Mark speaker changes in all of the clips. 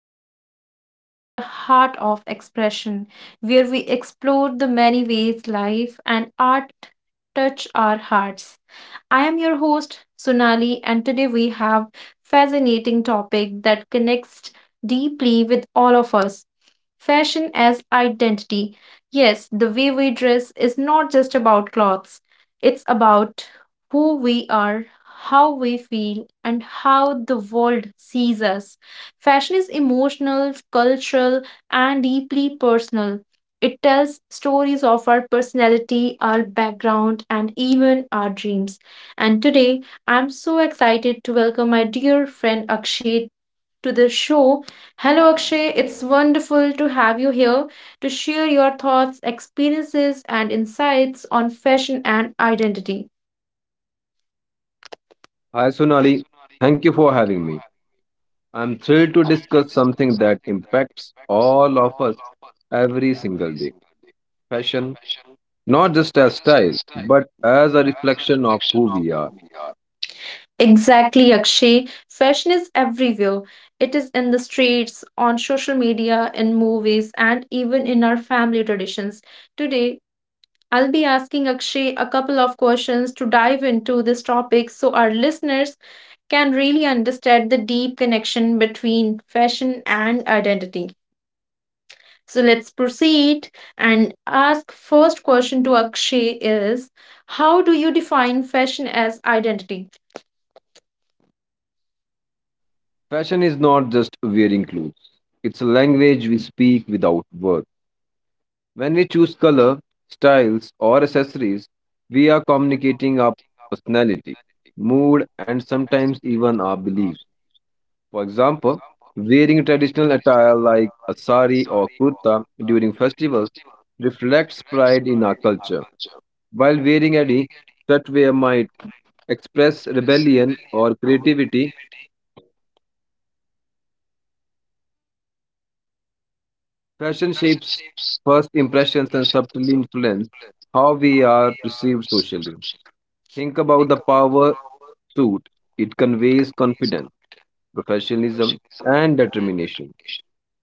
Speaker 1: another episode of The Heart of Expression, where we explore the many ways life and art touch our hearts. I am your host, Sunali, and today we have fascinating topic that connects deeply with all of us. Fashion as identity. Yes, the way we dress is not just about clothes, it's about who we are, how we feel, and how the world sees us. Fashion is emotional, cultural, and deeply personal. It tells stories of our personality, our background, and even our dreams. And today, I'm so excited to welcome my dear friend Akshay to the show. Hello, Akshay. It's wonderful to have you here to share your thoughts, experiences, and insights on fashion and identity.
Speaker 2: Hi Sonali, thank you for having me. I'm thrilled to discuss something that impacts all of us every single day. Fashion, not just as style, but as a reflection of who we are.
Speaker 1: Exactly, Akshay. Fashion is everywhere. It is in the streets, on social media, in movies, and even in our family traditions. Today, I'll be asking Akshay a couple of questions to dive into this topic so our listeners can really understand the deep connection between fashion and identity. So let's proceed and ask first question to Akshay is, how do you define fashion as identity?
Speaker 2: Fashion is not just wearing clothes. It's a language we speak without words. When we choose color, styles, or accessories, we are communicating our personality, mood, and sometimes even our beliefs. For example, wearing traditional attire like a sari or kurta during festivals reflects pride in our culture, while wearing any sweatwear might express rebellion or creativity. Fashion shapes first impressions and subtly influence how we are perceived socially. Think about the power suit. It conveys confidence, professionalism, and determination.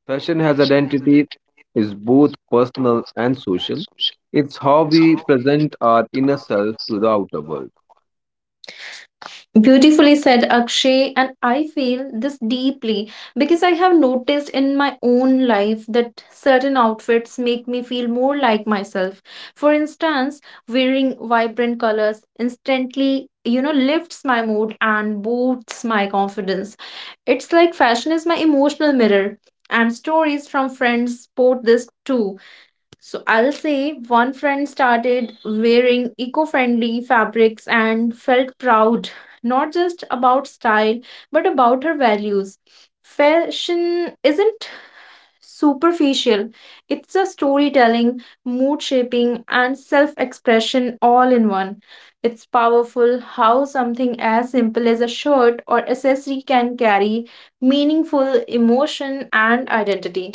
Speaker 2: Fashion has identity is both personal and social. It's how we present our inner self to the outer world.
Speaker 1: Beautifully said, Akshay. And I feel this deeply because I have noticed in my own life that certain outfits make me feel more like myself. For instance, wearing vibrant colors instantly, lifts my mood and boosts my confidence. It's like fashion is my emotional mirror. And stories from friends support this too. So I'll say one friend started wearing eco-friendly fabrics and felt proud, not just about style, but about her values. Fashion isn't superficial. It's a storytelling, mood shaping, and self expression all in one. It's powerful how something as simple as a shirt or accessory can carry meaningful emotion and identity.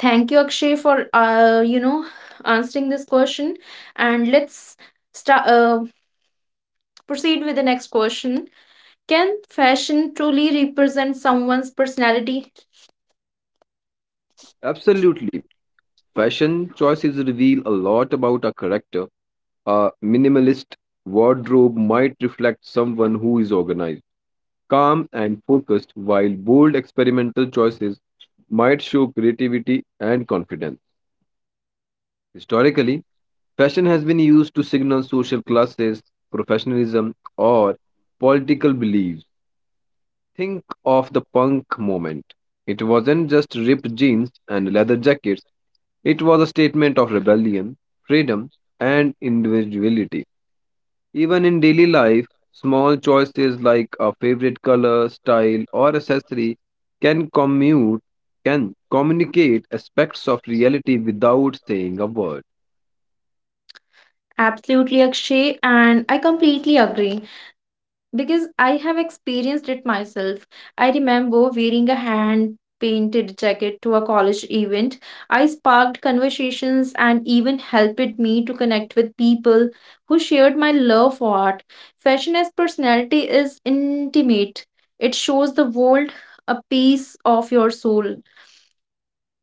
Speaker 1: Thank you, Akshay, for answering this question. And let's start. Proceed with the next question. Can fashion truly represent someone's personality?
Speaker 2: Absolutely. Fashion choices reveal a lot about our character. A minimalist wardrobe might reflect someone who is organized, calm, and focused, while bold experimental choices might show creativity and confidence. Historically, fashion has been used to signal social classes, professionalism, or political beliefs. Think of the punk moment. It wasn't just ripped jeans and leather jackets, it was a statement of rebellion, freedom, and individuality. Even in daily life, small choices like a favorite color, style, or accessory can commute can communicate aspects of reality without saying a word.
Speaker 1: Absolutely, Akshay, and I completely agree, because I have experienced it myself. I remember wearing a hand painted jacket to a college event. I sparked conversations and even helped me to connect with people who shared my love for art. Fashion as personality is intimate, it shows the world a piece of your soul.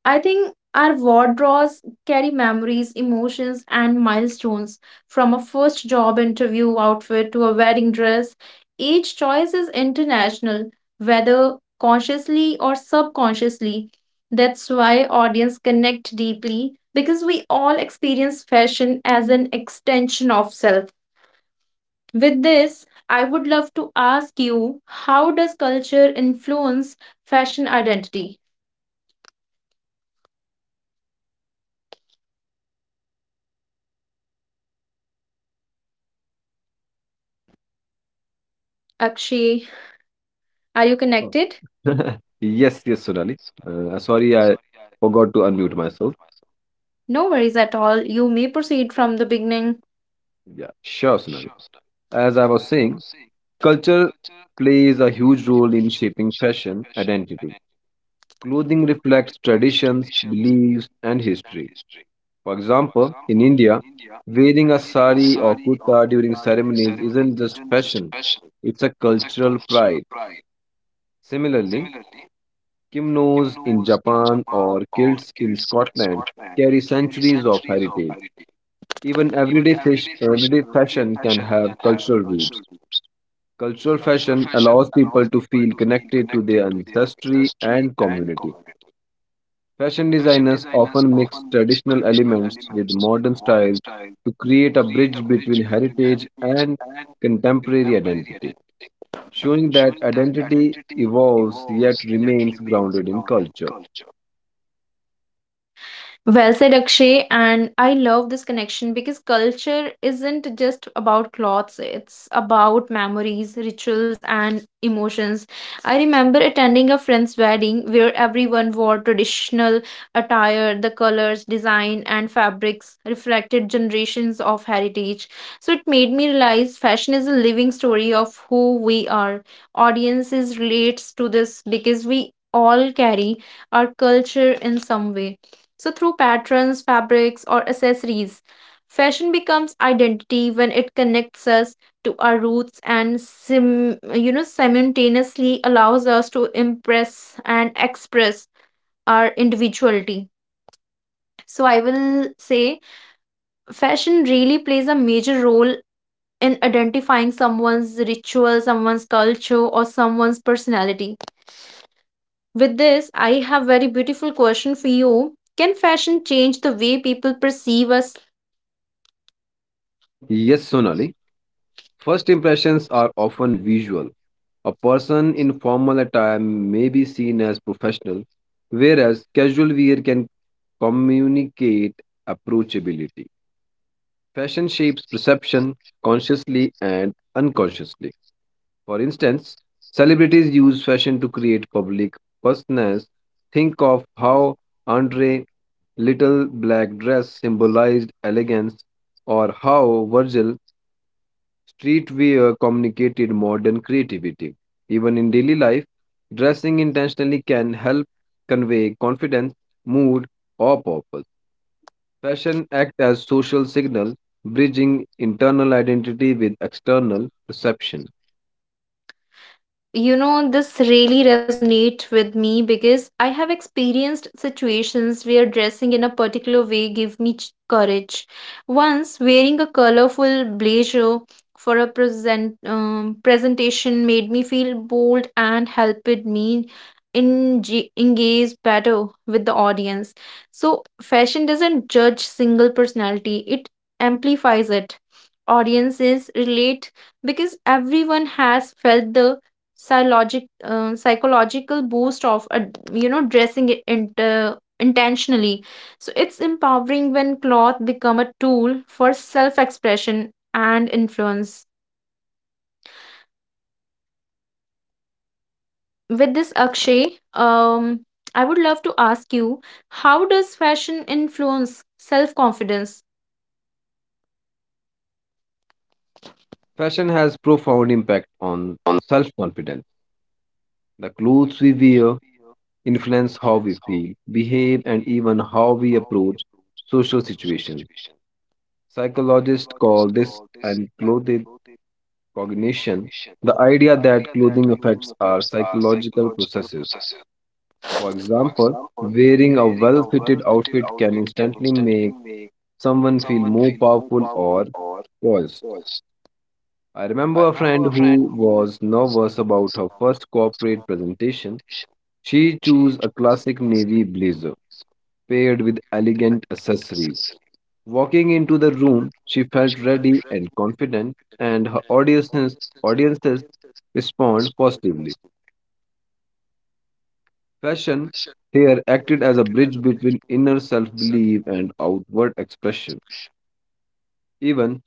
Speaker 1: I think our wardrobes carry memories, emotions, and milestones from a first job interview outfit to a wedding dress. Each choice is international, whether consciously or subconsciously. That's why audience connect deeply because we all experience fashion as an extension of self. With this, I would love to ask you, how does culture influence fashion identity? Akshay, are you
Speaker 2: Oh.
Speaker 1: connected?
Speaker 2: Yes, Sonali. Sorry, I forgot to unmute myself.
Speaker 1: No worries at all. You may proceed from the beginning.
Speaker 2: Yeah, sure, Sonali. As I was saying, culture plays a huge role in shaping fashion identity. Clothing reflects traditions, beliefs, and history. For example, in India, wearing a sari or kurta during ceremonies isn't just fashion, it's a cultural pride. Similarly, kimonos in Japan or kilts in Scotland carry centuries of heritage. Even everyday fashion can have cultural roots. Cultural fashion allows people to feel connected to their ancestry and community. Fashion designers often mix traditional elements with modern styles to create a bridge between heritage and contemporary identity, showing that identity evolves yet remains grounded in culture.
Speaker 1: Well said, Akshay. And I love this connection because culture isn't just about clothes, it's about memories, rituals, and emotions. I remember attending a friend's wedding where everyone wore traditional attire, the colors, design, and fabrics reflected generations of heritage. So it made me realize fashion is a living story of who we are. Audiences relates to this because we all carry our culture in some way, so, through patterns, fabrics, or accessories, fashion becomes identity when it connects us to our roots and simultaneously allows us to impress and express our individuality. So, I will say fashion really plays a major role in identifying someone's ritual, someone's culture, or someone's personality. With this, I have very beautiful question for you. Can fashion change the way people perceive us?
Speaker 2: Yes, Sonali, first impressions are often visual. A person in formal attire may be seen as professional, whereas casual wear can communicate approachability. Fashion shapes perception consciously and unconsciously. For instance, celebrities use fashion to create public personas. Think of how Andre little black dress symbolized elegance or how Virgil streetwear communicated modern creativity. Even in daily life, dressing intentionally can help convey confidence, mood, or purpose. Fashion act as social signal, bridging internal identity with external perception.
Speaker 1: This really resonates with me because I have experienced situations where dressing in a particular way gave me courage. Once, wearing a colorful blazer for a presentation made me feel bold and helped me engage better with the audience. So, fashion doesn't judge single personality; it amplifies it. Audiences relate because everyone has felt the psychological boost of dressing it intentionally, so it's empowering when cloth become a tool for self expression and influence. With this, Akshay, um I would love to ask you, how does fashion influence self confidence?
Speaker 2: Fashion has profound impact on self-confidence. The clothes we wear influence how we feel, behave, and even how we approach social situations. Psychologists call this an clothed cognition, the idea that clothing affects our psychological processes. For example, wearing a well-fitted outfit can instantly make someone feel more powerful or poised. I remember a friend who was nervous about her first corporate presentation. She chose a classic navy blazer paired with elegant accessories. Walking into the room, she felt ready and confident, and her audiences respond positively. Fashion here acted as a bridge between inner self-belief and outward expression. Even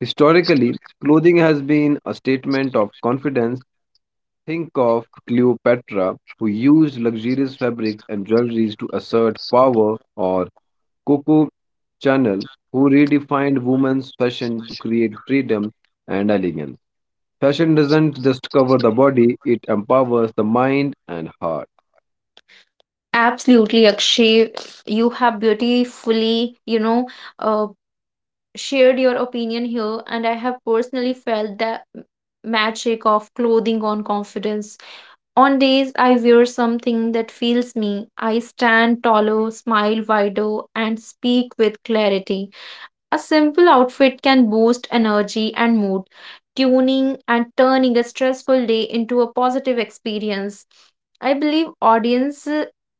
Speaker 2: historically, clothing has been a statement of confidence. Think of Cleopatra, who used luxurious fabrics and jewelries to assert power, or Coco Chanel, who redefined women's fashion to create freedom and elegance. Fashion doesn't just cover the body, it empowers the mind and heart.
Speaker 1: Absolutely, Akshay, you have beautifully uh. shared your opinion here, and I have personally felt the magic of clothing on confidence. On days I wear something that feels me, I stand taller, smile wider, and speak with clarity. A simple outfit can boost energy and mood, tuning and turning a stressful day into a positive experience. I believe audience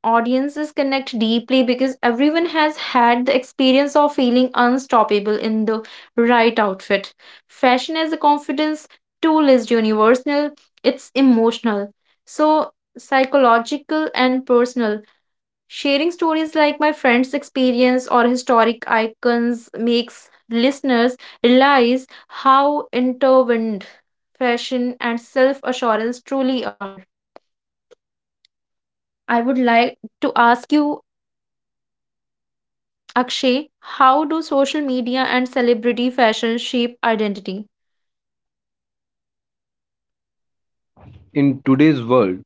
Speaker 1: audiences connect deeply because everyone has had the experience of feeling unstoppable in the right outfit. Fashion as a confidence tool is universal, it's emotional. So psychological and personal. Sharing stories like my friend's experience or historic icons makes listeners realize how intertwined fashion and self assurance truly are. I would like to ask you, Akshay, how do social media and celebrity fashion shape identity?
Speaker 2: In today's world,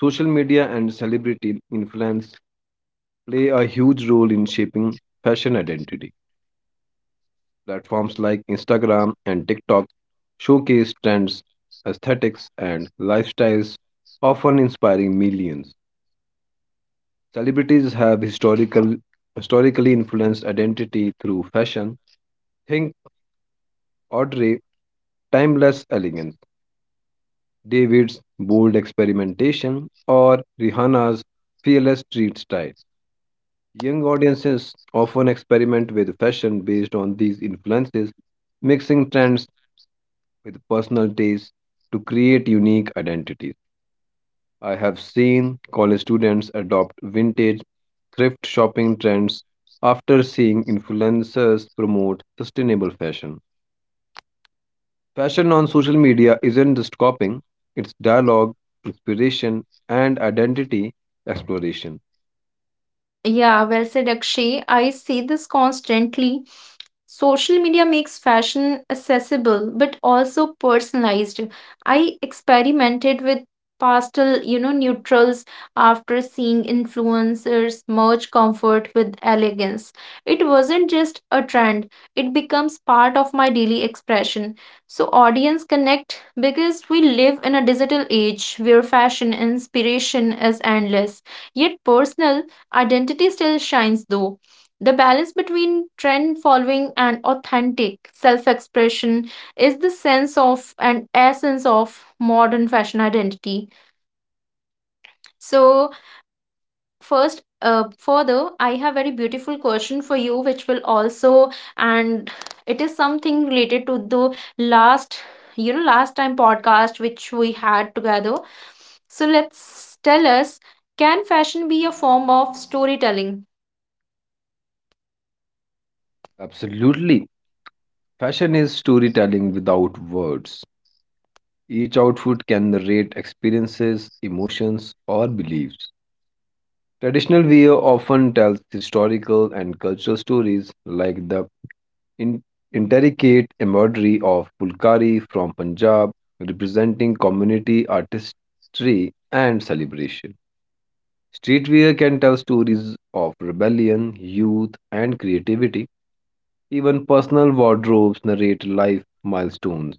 Speaker 2: social media and celebrity influence play a huge role in shaping fashion identity. Platforms like Instagram and TikTok showcase trends, aesthetics, and lifestyles, often inspiring millions. Celebrities have historically influenced identity through fashion. Think Audrey, timeless elegance, David's bold experimentation, or Rihanna's fearless street style. Young audiences often experiment with fashion based on these influences, mixing trends with personalities to create unique identities. I have seen college students adopt vintage thrift shopping trends after seeing influencers promote sustainable fashion. Fashion on social media isn't just copying, it's dialogue, inspiration, and identity exploration.
Speaker 1: Yeah, well said, Akshay. I see this constantly. Social media makes fashion accessible but also personalized. I experimented with pastel, neutrals after seeing influencers merge comfort with elegance. It wasn't just a trend, it becomes part of my daily expression. So, audience connect because we live in a digital age where fashion inspiration is endless, yet personal identity still shines though. The balance between trend following and authentic self expression is the sense of and essence of modern fashion identity. So, further, I have very beautiful question for you, which will also, and it is something related to the last, last time podcast which we had together. So, let's tell us, can fashion be a form of storytelling?
Speaker 2: Absolutely. Fashion is storytelling without words. Each outfit can narrate experiences, emotions, or beliefs. Traditional wear often tells historical and cultural stories like the in- intricate embroidery of Pulkari from Punjab, representing community artistry and celebration. Streetwear can tell stories of rebellion, youth, and creativity. Even personal wardrobes narrate life milestones.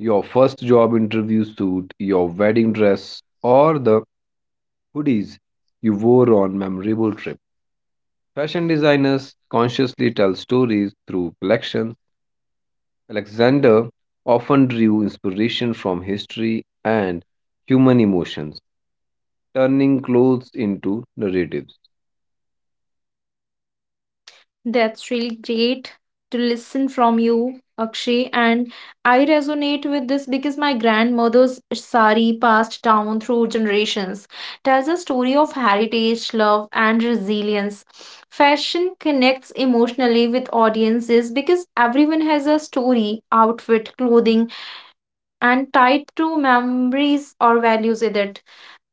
Speaker 2: Your first job interview suit, your wedding dress, or the hoodies you wore on memorable trips. Fashion designers consciously tell stories through collections. Alexander often drew inspiration from history and human emotions, turning clothes into narratives.
Speaker 1: That's really great to listen from you, Akshay. And I resonate with this because my grandmother's sari, passed down through generations, tells a story of heritage, love, and resilience. Fashion connects emotionally with audiences because everyone has a story, outfit, clothing, and tied to memories or values in it.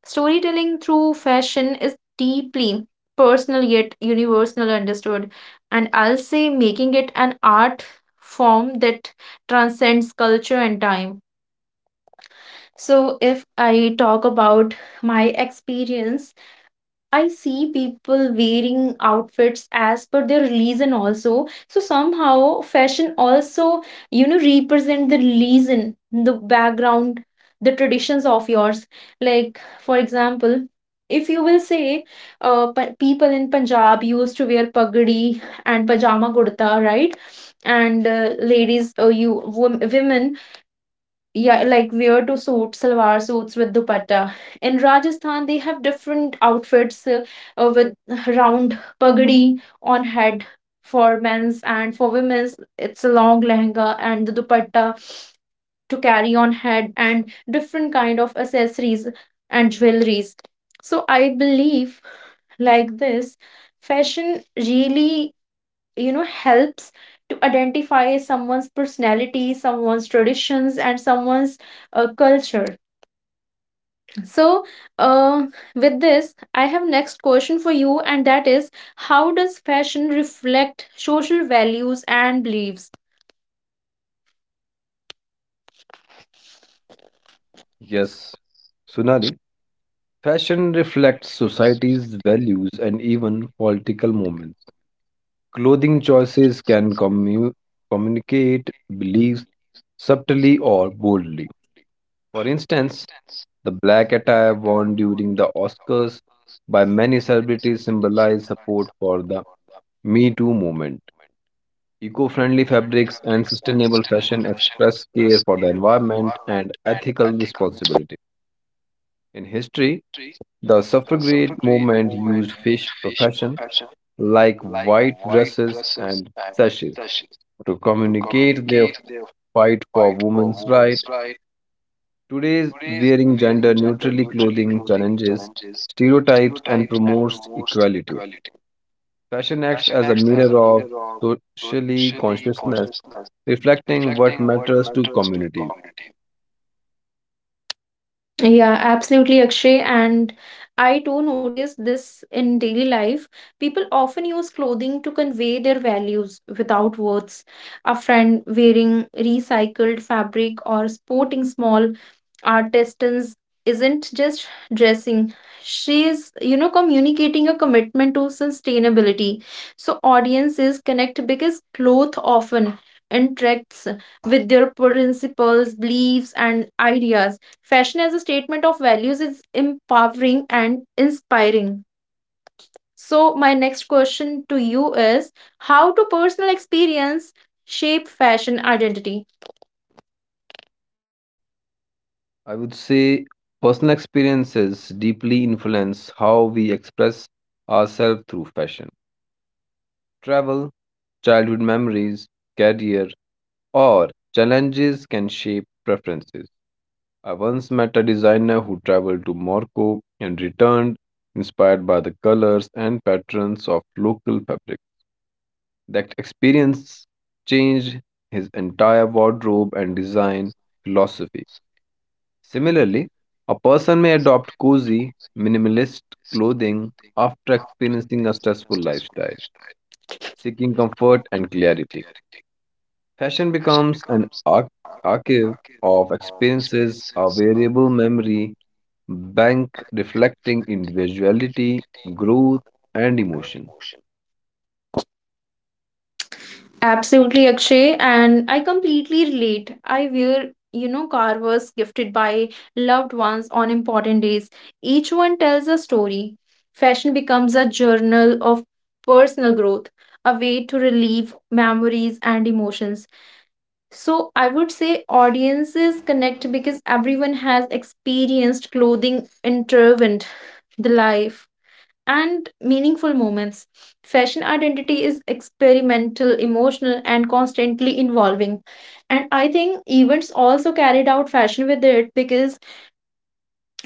Speaker 1: Storytelling through fashion is deeply personal yet universal understood, and I'll say making it an art form that transcends culture and time. So, if I talk about my experience, I see people wearing outfits as per their religion also. So somehow fashion also, represent the religion, the background, the traditions of yours. Like for example, if you will say, people in Punjab used to wear pagdi and pajama kurta, right? And ladies, women, yeah, like wear to suit salwar suits with dupatta. In Rajasthan, they have different outfits, with round pagdi on head for men's and for women's. It's a long lehenga and the dupatta to carry on head and different kind of accessories and jewelries. So I believe like this, fashion really helps to identify someone's personality, someone's traditions, and someone's culture. So, uh, with this, I have next question for you, and that is, how does fashion reflect social values and beliefs?
Speaker 2: Yes, Sunali. Fashion reflects society's values and even political moments. Clothing choices communicate beliefs subtly or boldly. For instance, the black attire worn during the Oscars by many celebrities symbolized support for the Me Too movement. Eco friendly fabrics and sustainable fashion express care for the environment and ethical responsibility. In history, the suffragette movement used fish fashion like white dresses and sashes to communicate their fight for women's rights. Today's wearing gender neutrally clothing challenges stereotypes and promotes equality. Fashion acts as a mirror of socially consciousness, reflecting what matters to communities.
Speaker 1: Yeah, absolutely, Akshay. And I do notice this in daily life. People often use clothing to convey their values without words. A friend wearing recycled fabric or sporting small artisans isn't just dressing. She is, communicating a commitment to sustainability. So audiences connect because cloth often interacts with their principles, beliefs, and ideas. Fashion as a statement of values is empowering and inspiring. So, my next question to you is, how do personal experience shape fashion identity?
Speaker 2: I would say personal experiences deeply influence how we express ourselves through fashion. Travel, childhood memories, career, or challenges can shape preferences. I once met a designer who traveled to Morocco and returned inspired by the colors and patterns of local fabric. That experience changed his entire wardrobe and design philosophy. Similarly, a person may adopt cozy, minimalist clothing after experiencing a stressful lifestyle, seeking comfort and clarity. Fashion becomes an archive of experiences, a variable memory bank reflecting individuality, growth, and emotion.
Speaker 1: Absolutely, Akshay, and I completely relate. I wear, carvers gifted by loved ones on important days. Each one tells a story. Fashion becomes a journal of personal growth, a way to relieve memories and emotions. So I would say audiences connect because everyone has experienced clothing intervened the life and meaningful moments. Fashion identity is experimental, emotional, and constantly evolving. And I think events also carried out fashion with it because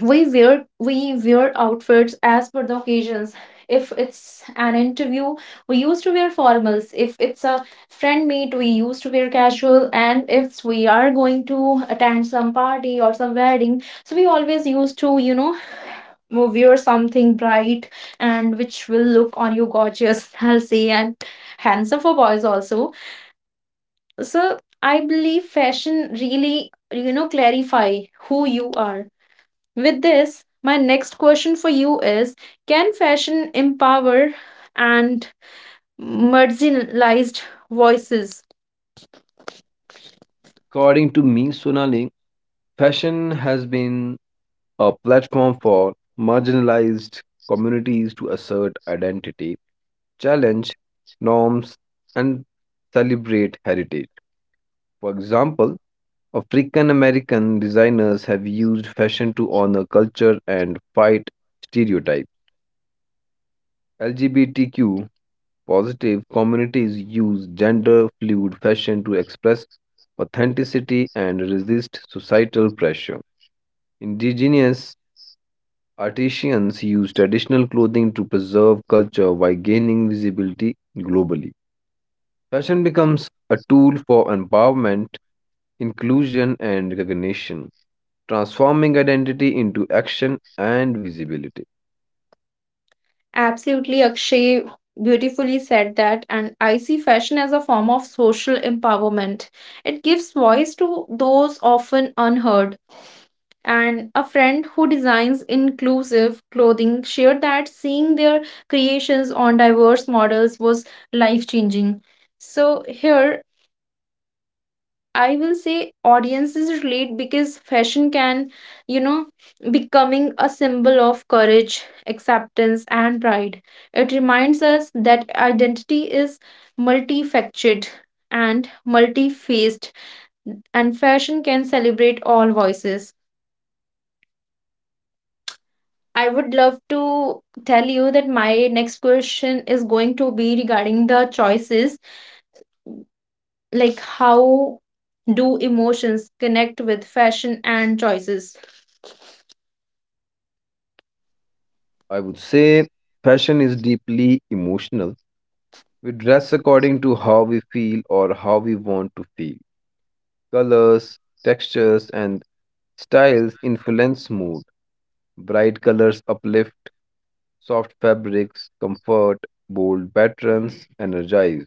Speaker 1: we wear outfits as per the occasions. If it's an interview, we used to wear formals. If it's a friend meet, we used to wear casual, and if we are going to attend some party or some wedding, so we always used to wear something bright, and which will look on you gorgeous I'll say, and handsome for boys also. So I believe fashion really clarify who you are. With this, my next question for you is, can fashion empower and marginalized voices?
Speaker 2: According to me, Sonali, fashion has been a platform for marginalized communities to assert identity, challenge norms, and celebrate heritage. For example, African American designers have used fashion to honor culture and fight stereotypes. LGBTQ positive communities use gender fluid fashion to express authenticity and resist societal pressure. Indigenous artisans use traditional clothing to preserve culture while gaining visibility globally. Fashion becomes a tool for empowerment, inclusion, and recognition, transforming identity into action and visibility.
Speaker 1: Absolutely, Akshay, beautifully said that. And I see fashion as a form of social empowerment. It gives voice to those often unheard. And a friend who designs inclusive clothing shared that seeing their creations on diverse models was life changing. So, here I will say audiences relate because fashion can, you know, becoming a symbol of courage, acceptance, and pride. It reminds us that identity is multifaceted and multi-faced, and fashion can celebrate all voices. I would love to tell you that my next question is going to be regarding the choices, like how do emotions connect with fashion and choices?
Speaker 2: I would say fashion is deeply emotional. We dress according to how we feel or how we want to feel. Colors, textures, and styles influence mood. Bright colors uplift, soft fabrics comfort, bold patterns energize.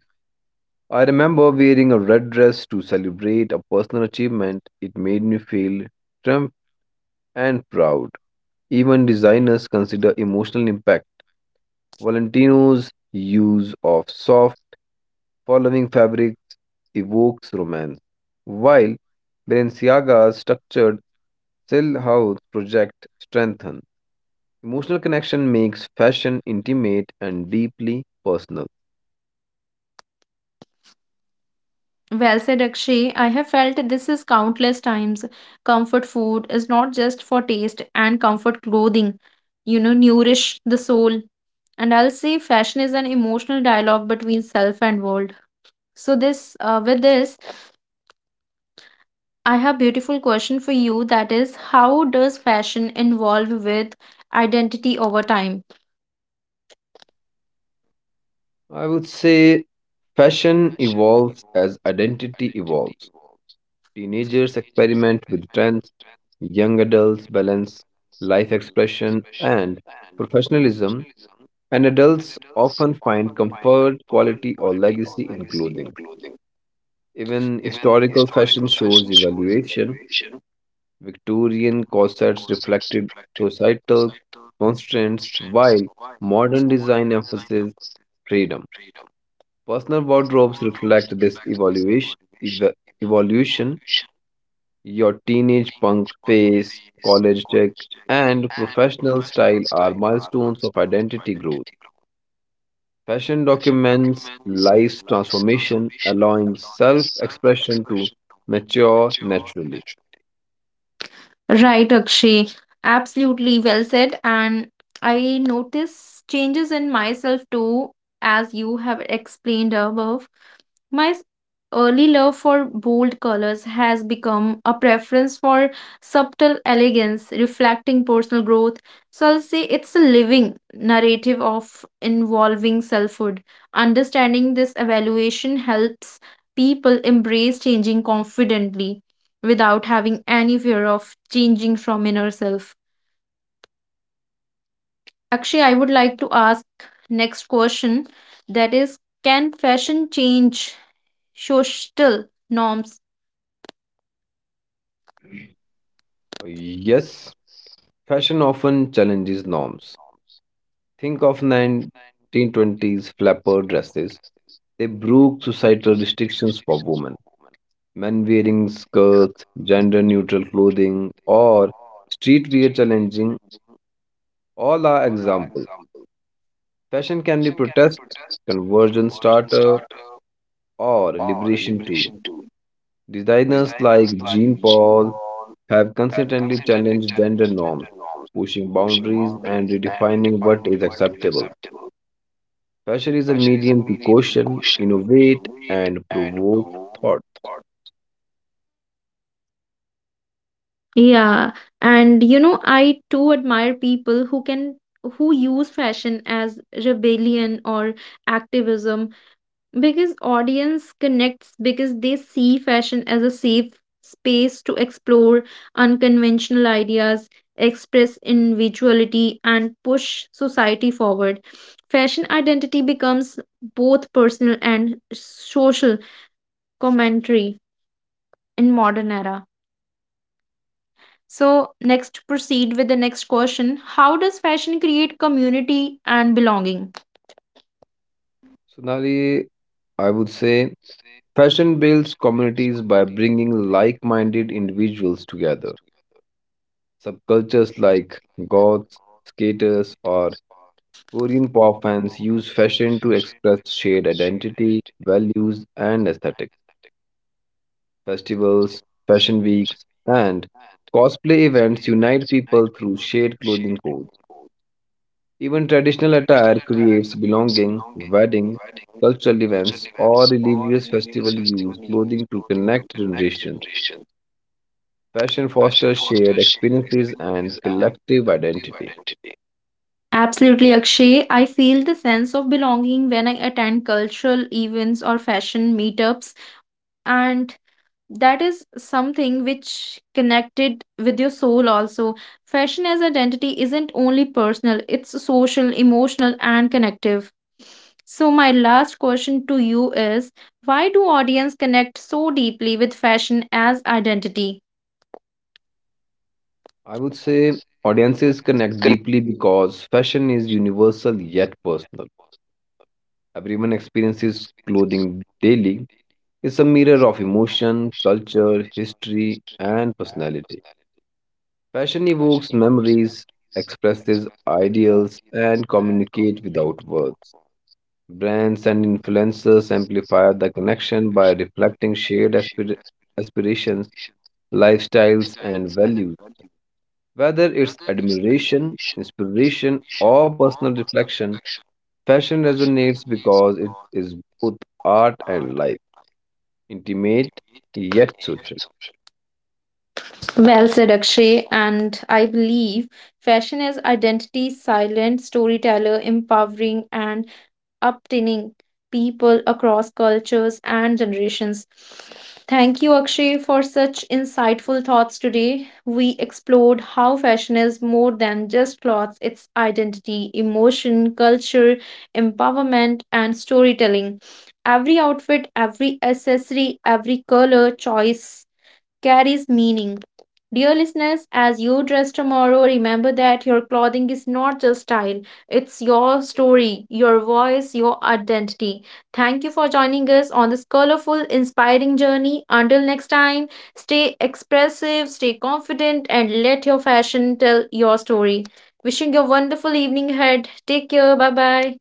Speaker 2: I remember wearing a red dress to celebrate a personal achievement. It made me feel triumph and proud. Even designers consider emotional impact. Valentino's use of soft following fabrics evokes romance, while Balenciaga's structured Sill House project strengthen. Emotional connection makes fashion intimate and deeply personal.
Speaker 1: Well said, Akshay. I have felt this is countless times. Comfort food is not just for taste and comfort clothing, nourish the soul. And I'll say fashion is an emotional dialogue between self and world. So with this, I have beautiful question for you. That is, how does fashion involve with identity over time?
Speaker 2: I would say fashion evolves as identity evolves. Teenagers experiment with trends, young adults balance life expression and professionalism, and adults often find comfort, quality, or legacy in clothing. Even historical fashion shows evaluation. Victorian corsets reflected societal constraints, while modern design emphasizes freedom. Personal wardrobes reflect this evaluation. ev- Evolution. Your teenage punk phase, college check, and professional style are milestones of identity growth. Fashion documents life's transformation, allowing self expression to mature naturally.
Speaker 1: Right, Akshay. Absolutely well said. And I notice changes in myself too, as you have explained above. My early love for bold colors has become a preference for subtle elegance, reflecting personal growth. So I'll say it's a living narrative of involving selfhood. Understanding this evaluation helps people embrace changing confidently without having any fear of changing from inner self. Actually, I would like to ask next question, that is, can fashion change social norms?
Speaker 2: Yes, fashion often challenges norms. Think of 1920s flapper dresses. They broke societal restrictions for women. Men wearing skirts, gender neutral clothing, or streetwear challenging all are examples. Fashion can be protest, conversion starter, or liberation tool. Designers like Jean Paul have consistently challenged gender norms, pushing boundaries and redefining what is acceptable. Fashion is a medium to question, innovate, and provoke thought.
Speaker 1: Yeah, and I too admire people who use fashion as rebellion or activism. Because audience connects because they see fashion as a safe space to explore unconventional ideas, express individuality, and push society forward. Fashion identity becomes both personal and social commentary in modern era. So, next proceed with the next question. How does fashion create community and belonging?
Speaker 2: So Sonali, I would say fashion builds communities by bringing like minded individuals together. Subcultures like goths, skaters, or Korean pop fans use fashion to express shared identity, values, and aesthetic. Festivals, fashion weeks, and cosplay events unite people through shared clothing codes. Even traditional attire creates belonging, wedding, cultural events, or religious festival use clothing to connect generations. Fashion fosters shared experiences and collective identity.
Speaker 1: Absolutely, Akshay. I feel the sense of belonging when I attend cultural events or fashion meetups, and that is something which connected with your soul also. Fashion as identity isn't only personal, it's social, emotional, and connective. So my last question to you is, why do audience connect so deeply with fashion as identity?
Speaker 2: I would say audiences connect deeply because fashion is universal yet personal. Everyone experiences clothing daily. It's a mirror of emotion, culture, history, and personality. Fashion evokes memories, expresses ideals, and communicate without words. Brands and influencers amplify the connection by reflecting shared aspirations, lifestyles, and values. Whether it's admiration, inspiration, or personal reflection, fashion resonates because it is both art and life, intimate yet social.
Speaker 1: Well said, Akshay. And I believe fashion is identity, silent storyteller, empowering and uptaining people across cultures and generations. Thank you, Akshay, for such insightful thoughts today. We explored how fashion is more than just clothes, it's identity, emotion, culture, empowerment, and storytelling. Every outfit, every accessory, every color choice carries meaning. Dear listeners, as you dress tomorrow, remember that your clothing is not just style, it's your story, your voice, your identity. Thank you for joining us on this colorful, inspiring journey. Until next time, stay expressive, stay confident, and let your fashion tell your story. Wishing you a wonderful evening ahead. Take care. Bye bye.